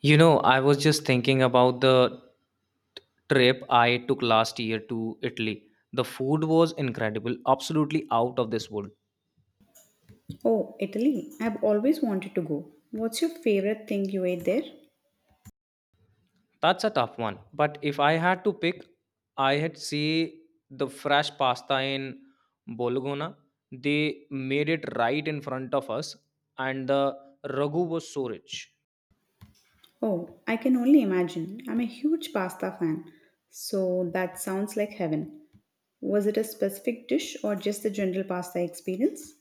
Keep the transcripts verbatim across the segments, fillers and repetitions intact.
You know, I was just thinking about the trip I took last year to Italy. The food was incredible, absolutely out of this world. Oh, Italy. I've always wanted to go. What's your favorite thing you ate there? That's a tough one. But if I had to pick, I had say the fresh pasta in Bologna. They made it right in front of us, and the ragu was so rich. Oh, I can only imagine. I'm a huge pasta fan. So that sounds like heaven. Was it a specific dish or just the general pasta experience?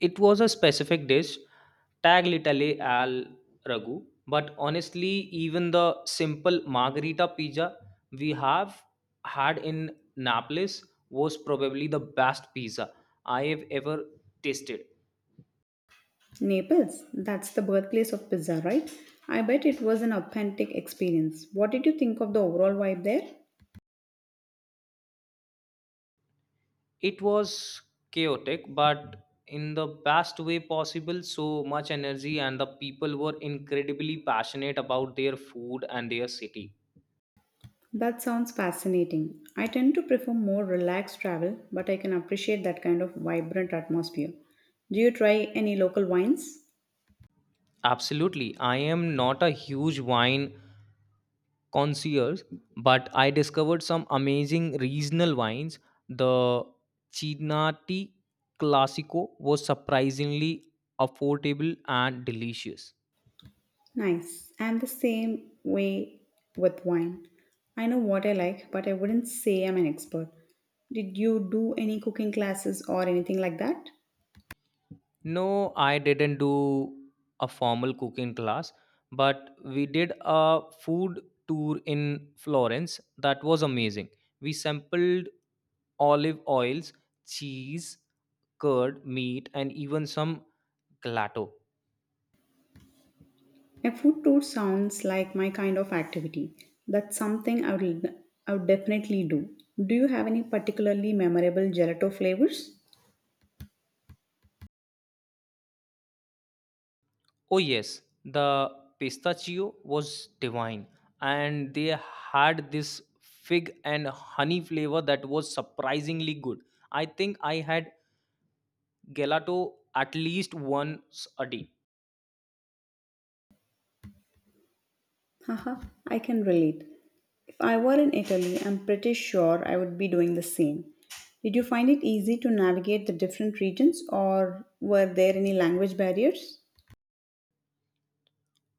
It was a specific dish, tag literally al ragu, but honestly, even the simple margarita pizza we have had in Naples was probably the best pizza I have ever tasted. Naples. That's the birthplace of pizza, right? I bet it was an authentic experience. What did you think of the overall vibe there? It was chaotic, but in the best way possible, so much energy, and the people were incredibly passionate about their food and their city. That sounds fascinating. I tend to prefer more relaxed travel, but I can appreciate that kind of vibrant atmosphere. Do you try any local wines? Absolutely. I am not a huge wine concierge, but I discovered some amazing regional wines. The Chianti Classico was surprisingly affordable and delicious. Nice. I'm the same way with wine. I know what I like, but I wouldn't say I'm an expert. Did you do any cooking classes or anything like that? No, I didn't do a formal cooking class, but we did a food tour in Florence that was amazing. We sampled olive oils, cheese, curd, meat, and even some gelato. A food tour sounds like my kind of activity. That's something I would I would definitely do. Do you have any particularly memorable gelato flavors? Oh, yes, the pistachio was divine, and they had this fig and honey flavor that was surprisingly good. I think I had gelato at least once a day. Haha, I can relate. If I were in Italy, I'm pretty sure I would be doing the same. Did you find it easy to navigate the different regions or were there any language barriers?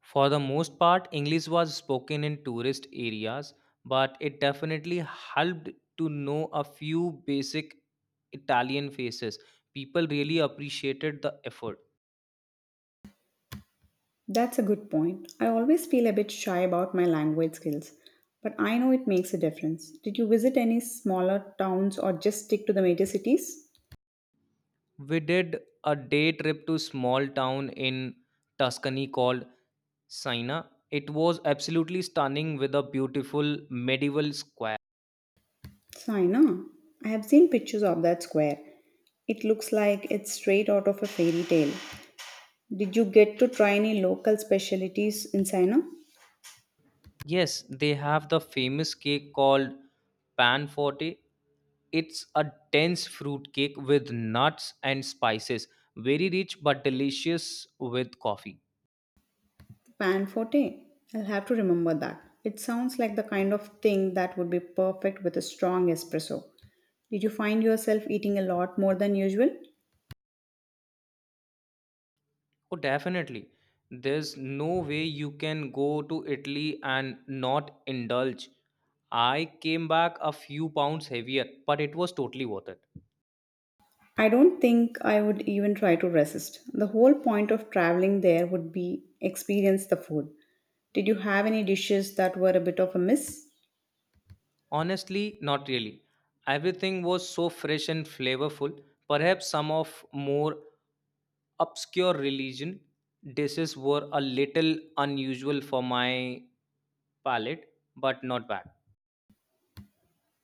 For the most part, English was spoken in tourist areas, but it definitely helped to know a few basic Italian faces. People really appreciated the effort. That's a good point. I always feel a bit shy about my language skills, but I know it makes a difference. Did you visit any smaller towns or just stick to the major cities? We did a day trip to small town in Tuscany called Sina. It was absolutely stunning with a beautiful medieval square. Saina, I have seen pictures of that square. It looks like it's straight out of a fairy tale. Did you get to try any local specialties in China? Yes, they have the famous cake called pan forte. It's a dense fruit cake with nuts and spices, very rich but delicious with coffee. Pan forte. I'll have to remember that. It sounds like the kind of thing that would be perfect with a strong espresso. Did you find yourself eating a lot more than usual? Oh, definitely. There's no way you can go to Italy and not indulge. I came back a few pounds heavier, but it was totally worth it. I don't think I would even try to resist. The whole point of traveling there would be experience the food. Did you have any dishes that were a bit of a miss? Honestly, not really. Everything was so fresh and flavorful. Perhaps some of more obscure religion dishes were a little unusual for my palate, but not bad.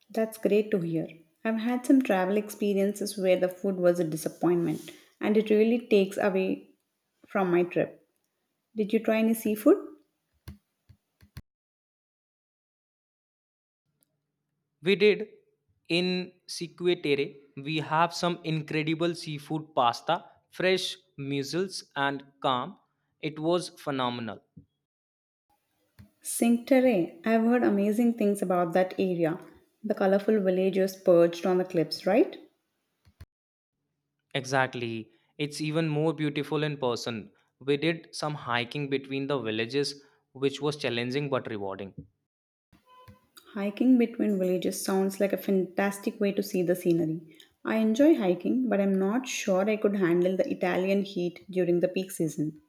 That's great to hear. I've had some travel experiences where the food was a disappointment and it really takes away from my trip. Did you try any seafood? We did in Cinque Terre. We have some incredible seafood pasta, fresh mussels, and calm. It was phenomenal. Cinque Terre. I've heard amazing things about that area. The colorful villages perched on the cliffs, right? Exactly. It's even more beautiful in person. We did some hiking between the villages, which was challenging but rewarding. Hiking between villages sounds like a fantastic way to see the scenery. I enjoy hiking, but I'm not sure I could handle the Italian heat during the peak season.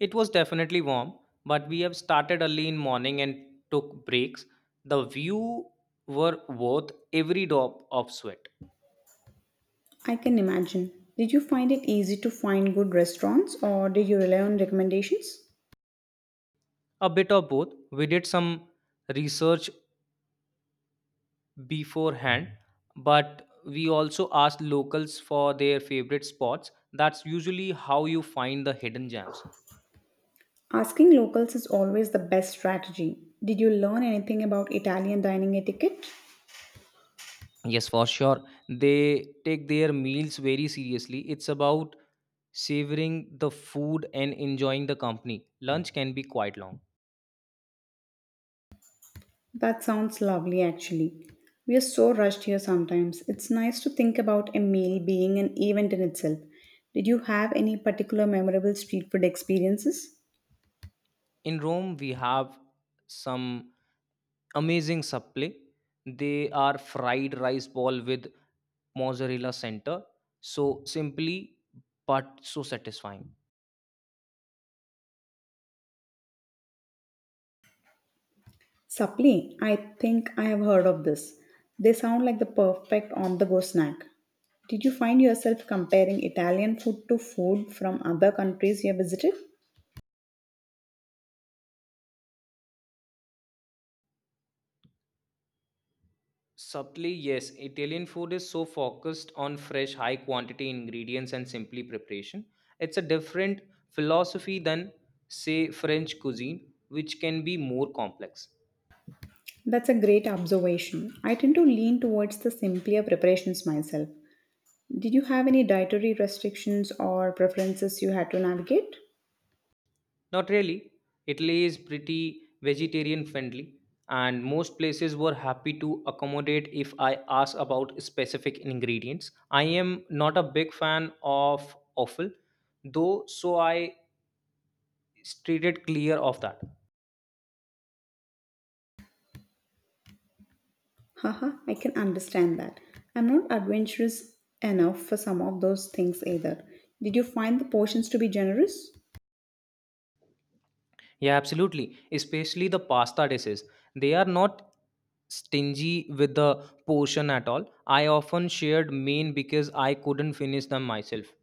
It was definitely warm, but we have started early in morning and took breaks. The view were worth every drop of sweat. I can imagine. Did you find it easy to find good restaurants or did you rely on recommendations? A bit of both. We did some research beforehand, but we also asked locals for their favorite spots. That's usually how you find the hidden gems. Asking locals is always the best strategy. Did you learn anything about Italian dining etiquette? Yes, for sure. They take their meals very seriously. It's about savoring the food and enjoying the company. Lunch can be quite long. That sounds lovely, actually. We are so rushed here sometimes. It's nice to think about a meal being an event in itself. Did you have any particular memorable street food experiences? In Rome, we have some amazing supple. They are fried rice ball with mozzarella center. So simply, but so satisfying. Sapli, I think I have heard of this. They sound like the perfect on the go snack. Did you find yourself comparing Italian food to food from other countries you have visited? Supple, yes, Italian food is so focused on fresh, high quantity ingredients and simply preparation. It's a different philosophy than, say, French cuisine, which can be more complex. That's a great observation. I tend to lean towards the simpler preparations myself. Did you have any dietary restrictions or preferences you had to navigate? Not really. Italy is pretty vegetarian friendly, and most places were happy to accommodate if I ask about specific ingredients. I am not a big fan of offal, though, so I steered clear of that. Haha, I can understand that. I'm not adventurous enough for some of those things either. Did you find the portions to be generous? Yeah, absolutely. Especially the pasta dishes. They are not stingy with the portion at all. I often shared main because I couldn't finish them myself.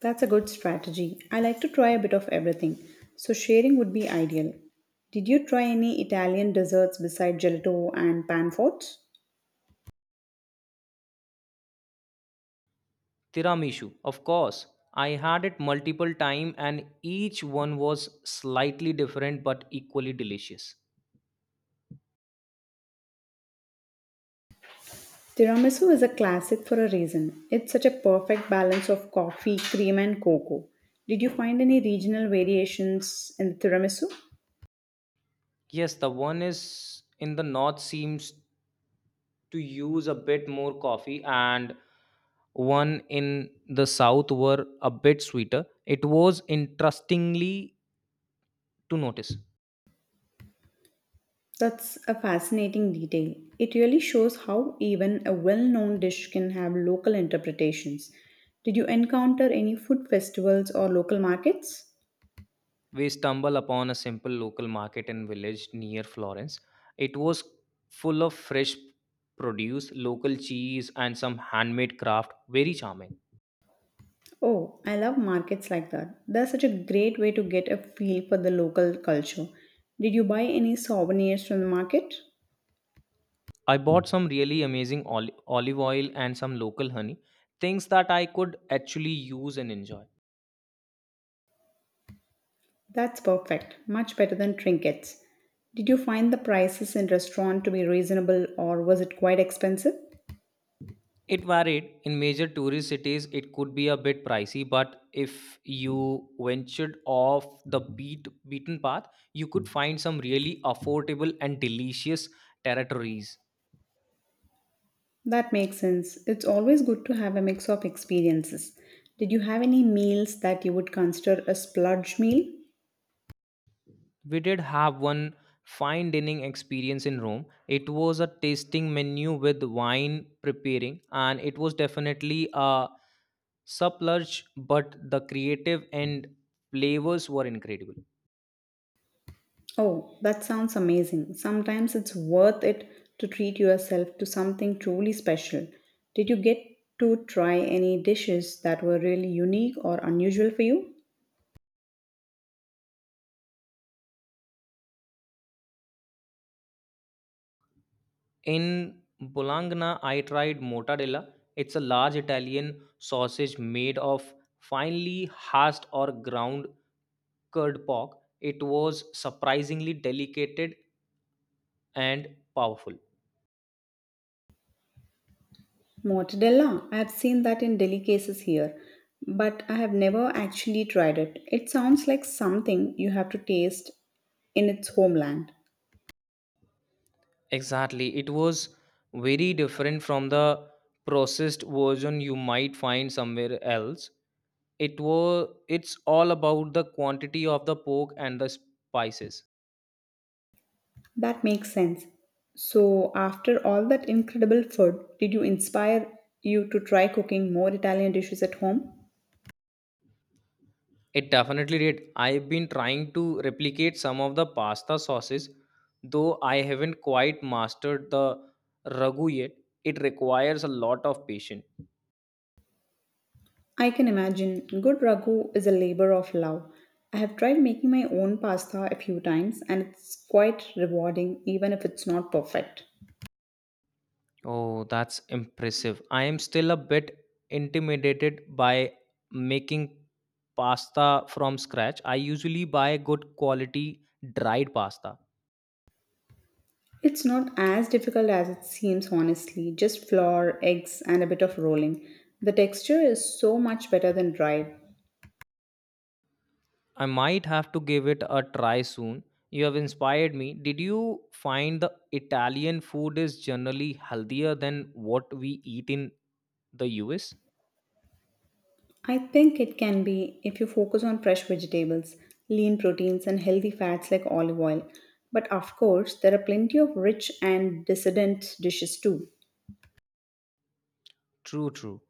That's a good strategy. I like to try a bit of everything, so sharing would be ideal. Did you try any Italian desserts besides gelato and panforts? Tiramisu, of course. I had it multiple times and each one was slightly different but equally delicious. Tiramisu is a classic for a reason. It's such a perfect balance of coffee, cream, and cocoa. Did you find any regional variations in tiramisu? Yes, the one is in the north seems to use a bit more coffee and one in the south were a bit sweeter. It was interestingly to notice. That's a fascinating detail. It really shows how even a well known dish can have local interpretations. Did you encounter any food festivals or local markets? We stumbled upon a simple local market in village near Florence. It was full of fresh produce, local cheese, and some handmade craft. Very charming. Oh, I love markets like that. They're such a great way to get a feel for the local culture. Did you buy any souvenirs from the market? I bought some really amazing oli- olive oil and some local honey, things that I could actually use and enjoy. That's perfect. Much better than trinkets. Did you find the prices in restaurant to be reasonable or was it quite expensive? It varied. In major tourist cities, it could be a bit pricey, but if you ventured off the beat, beaten path, you could find some really affordable and delicious territories. That makes sense. It's always good to have a mix of experiences. Did you have any meals that you would consider a splurge meal? We did have one fine dining experience in Rome. It was a tasting menu with wine preparing, and it was definitely a splurge, but the creative and flavors were incredible. Oh, that sounds amazing. Sometimes it's worth it to treat yourself to something truly special. Did you get to try any dishes that were really unique or unusual for you? In Bologna, I tried mortadella. It's a large Italian sausage made of finely hashed or ground curd pork. It was surprisingly delicate and powerful. Mortadella. I've seen that in delicacies here, but I have never actually tried it. It sounds like something you have to taste in its homeland. Exactly. It was very different from the processed version you might find somewhere else. It was it's all about the quantity of the pork and the spices. That makes sense. So, after all that incredible food, did you inspire you to try cooking more Italian dishes at home? It definitely did. I've been trying to replicate some of the pasta sauces, though I haven't quite mastered the ragu yet. It requires a lot of patience. I can imagine good ragu is a labor of love. I have tried making my own pasta a few times and it's quite rewarding even if it's not perfect. Oh, that's impressive. I am still a bit intimidated by making pasta from scratch. I usually buy good quality dried pasta. It's not as difficult as it seems, honestly. Just flour, eggs, and a bit of rolling. The texture is so much better than dried. I might have to give it a try soon. You have inspired me. Did you find the Italian food is generally healthier than what we eat in the U S? I think it can be if you focus on fresh vegetables, lean proteins, and healthy fats like olive oil. But of course, there are plenty of rich and dissident dishes too. True, true.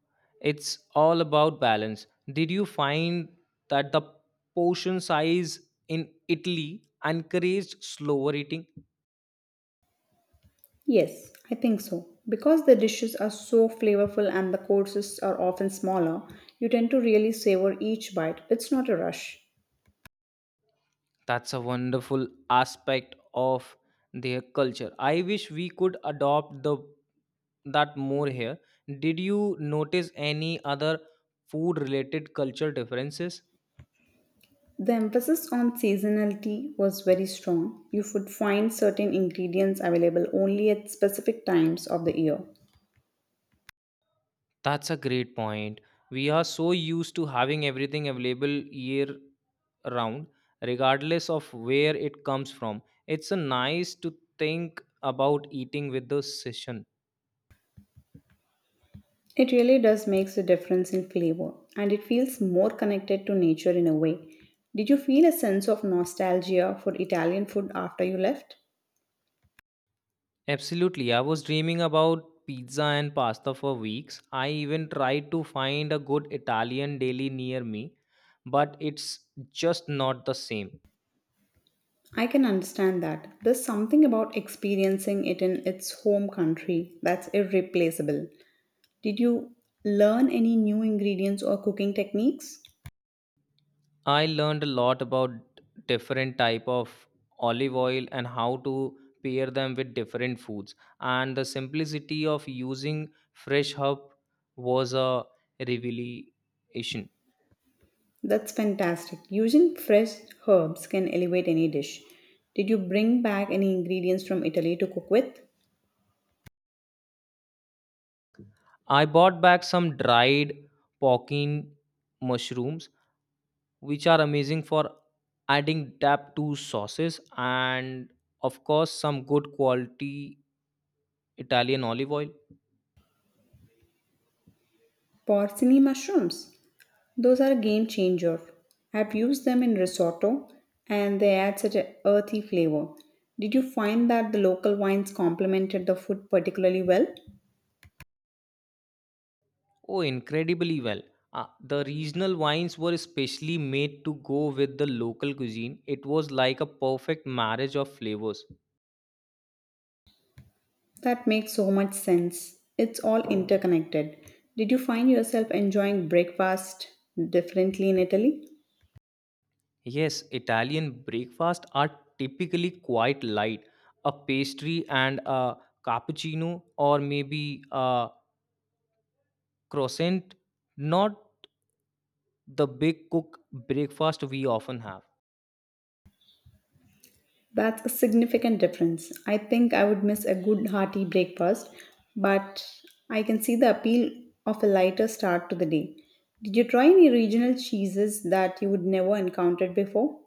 It's all about balance. Did you find that the portion size in Italy encouraged slower eating? Yes, I think so. Because the dishes are so flavorful and the courses are often smaller, you tend to really savor each bite. It's not a rush. That's a wonderful aspect of their culture. I wish we could adopt the that more here. Did you notice any other food related culture differences? The emphasis on seasonality was very strong. You would find certain ingredients available only at specific times of the year. That's a great point. We are so used to having everything available year round, regardless of where it comes from. It's a nice to think about eating with the session. It really does makes a difference in flavor and it feels more connected to nature in a way. Did you feel a sense of nostalgia for Italian food after you left? Absolutely. I was dreaming about pizza and pasta for weeks. I even tried to find a good Italian deli near me, but it's just not the same. I can understand that. There's something about experiencing it in its home country that's irreplaceable. Did you learn any new ingredients or cooking techniques? I learned a lot about different type of olive oil and how to pair them with different foods and the simplicity of using fresh herb was a revelation. That's fantastic. Using fresh herbs can elevate any dish. Did you bring back any ingredients from Italy to cook with? I bought back some dried pokin mushrooms which are amazing for adding depth to sauces and of course some good quality Italian olive oil. Porcini mushrooms. Those are a game changer. I've used them in risotto and they add such an earthy flavor. Did you find that the local wines complemented the food particularly well? Oh, incredibly well. Uh, the regional wines were especially made to go with the local cuisine. It was like a perfect marriage of flavors. That makes so much sense. It's all interconnected. Did you find yourself enjoying breakfast differently in Italy? Yes, Italian breakfasts are typically quite light a pastry and a cappuccino, or maybe a croissant, not the big cook breakfast we often have. That's a significant difference. I think I would miss a good hearty breakfast, but I can see the appeal of a lighter start to the day. Did you try any regional cheeses that you would never encountered before?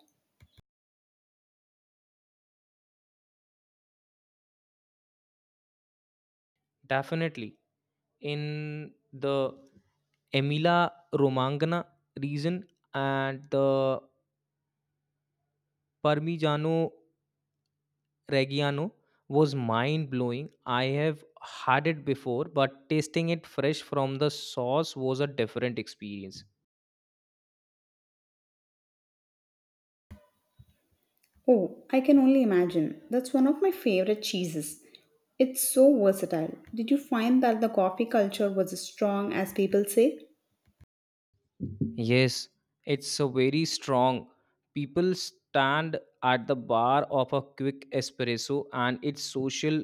Definitely. In the Emilia Romagna region, and the Parmigiano Reggiano was mind blowing. I have had it before, but tasting it fresh from the sauce was a different experience. Oh, I can only imagine. That's one of my favorite cheeses. It's so versatile. Did you find that the coffee culture was as strong as people say? Yes, it's a very strong. People stand at the bar of a quick espresso, and its social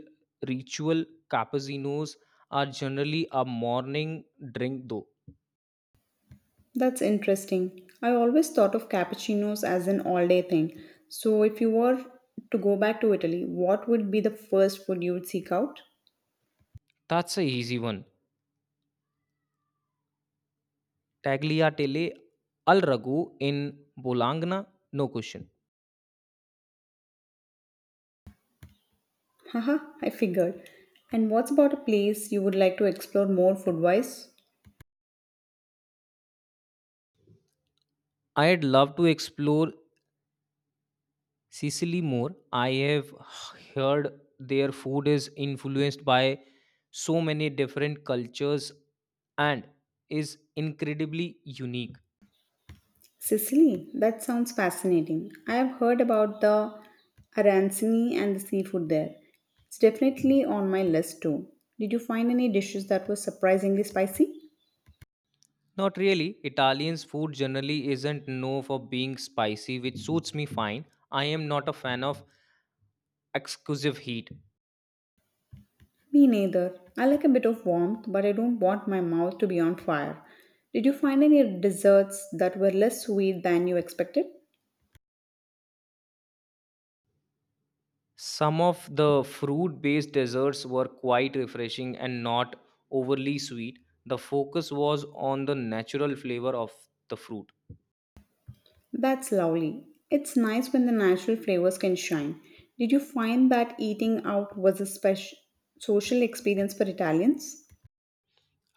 ritual cappuccinos are generally a morning drink, though. That's interesting. I always thought of cappuccinos as an all day thing. So, if you were to go back to Italy, what would be the first food you would seek out? That's a easy one. Tagliatelle al ragu in Bologna, no question. Haha, I figured. And what's about a place you would like to explore more food wise? I'd love to explore Sicily more. I have heard their food is influenced by so many different cultures and is incredibly unique. Sicily. That sounds fascinating. I have heard about the arancini and the seafood there. It's definitely on my list too. Did you find any dishes that were surprisingly spicy? Not really. Italian's food generally isn't known for being spicy, which suits me fine. I am not a fan of exclusive heat. Me neither. I like a bit of warmth, but I don't want my mouth to be on fire. Did you find any desserts that were less sweet than you expected? Some of the fruit based desserts were quite refreshing and not overly sweet. The focus was on the natural flavor of the fruit. That's lovely. It's nice when the natural flavors can shine. Did you find that eating out was a special social experience for Italians?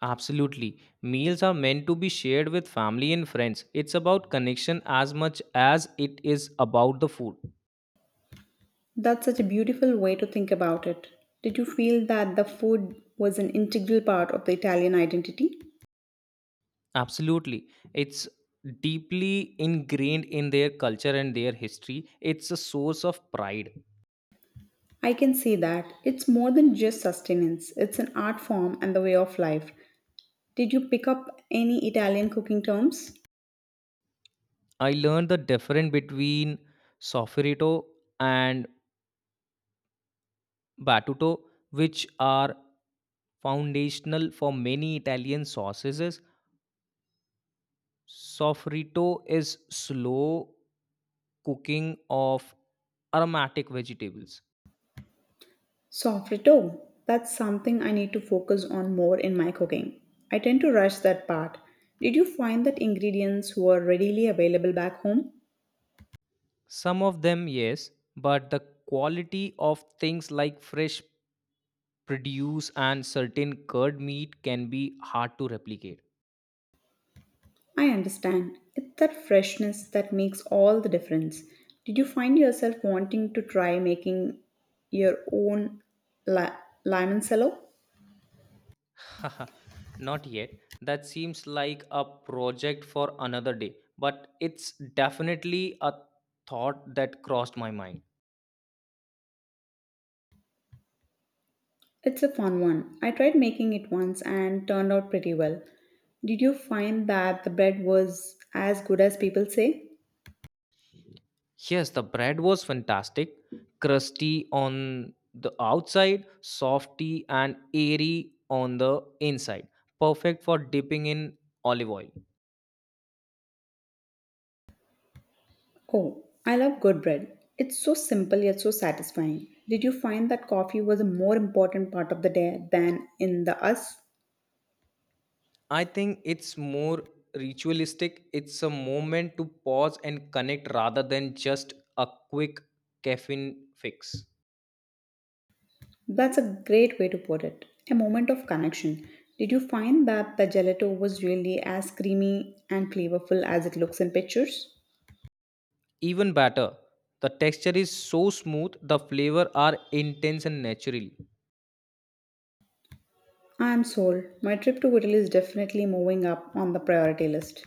Absolutely. Meals are meant to be shared with family and friends. It's about connection as much as it is about the food. That's such a beautiful way to think about it. Did you feel that the food was an integral part of the Italian identity? Absolutely. It's deeply ingrained in their culture and their history. It's a source of pride. I can see that. It's more than just sustenance, it's an art form and the way of life. Did you pick up any Italian cooking terms? I learned the difference between sofrito and Battuto, which are foundational for many Italian sauces. Soffritto is slow cooking of aromatic vegetables. Soffritto. That's something I need to focus on more in my cooking. I tend to rush that part. Did you find that ingredients were readily available back home? Some of them, yes, but the quality of things like fresh produce and certain curd meat can be hard to replicate. I understand. It's that freshness that makes all the difference. Did you find yourself wanting to try making your own li- limoncello? Not yet. That seems like a project for another day, but it's definitely a thought that crossed my mind. It's a fun one. I tried making it once and turned out pretty well. Did you find that the bread was as good as people say? Yes, the bread was fantastic, crusty on the outside, softy and airy on the inside. Perfect for dipping in olive oil. Oh, I love good bread. It's so simple yet so satisfying. Did you find that coffee was a more important part of the day than in the U S? I think it's more ritualistic. It's a moment to pause and connect rather than just a quick caffeine fix. That's a great way to put it. A moment of connection. Did you find that the gelato was really as creamy and flavorful as it looks in pictures? Even better, the texture is so smooth, the flavor are intense and natural. I am sold. My trip to Italy is definitely moving up on the priority list.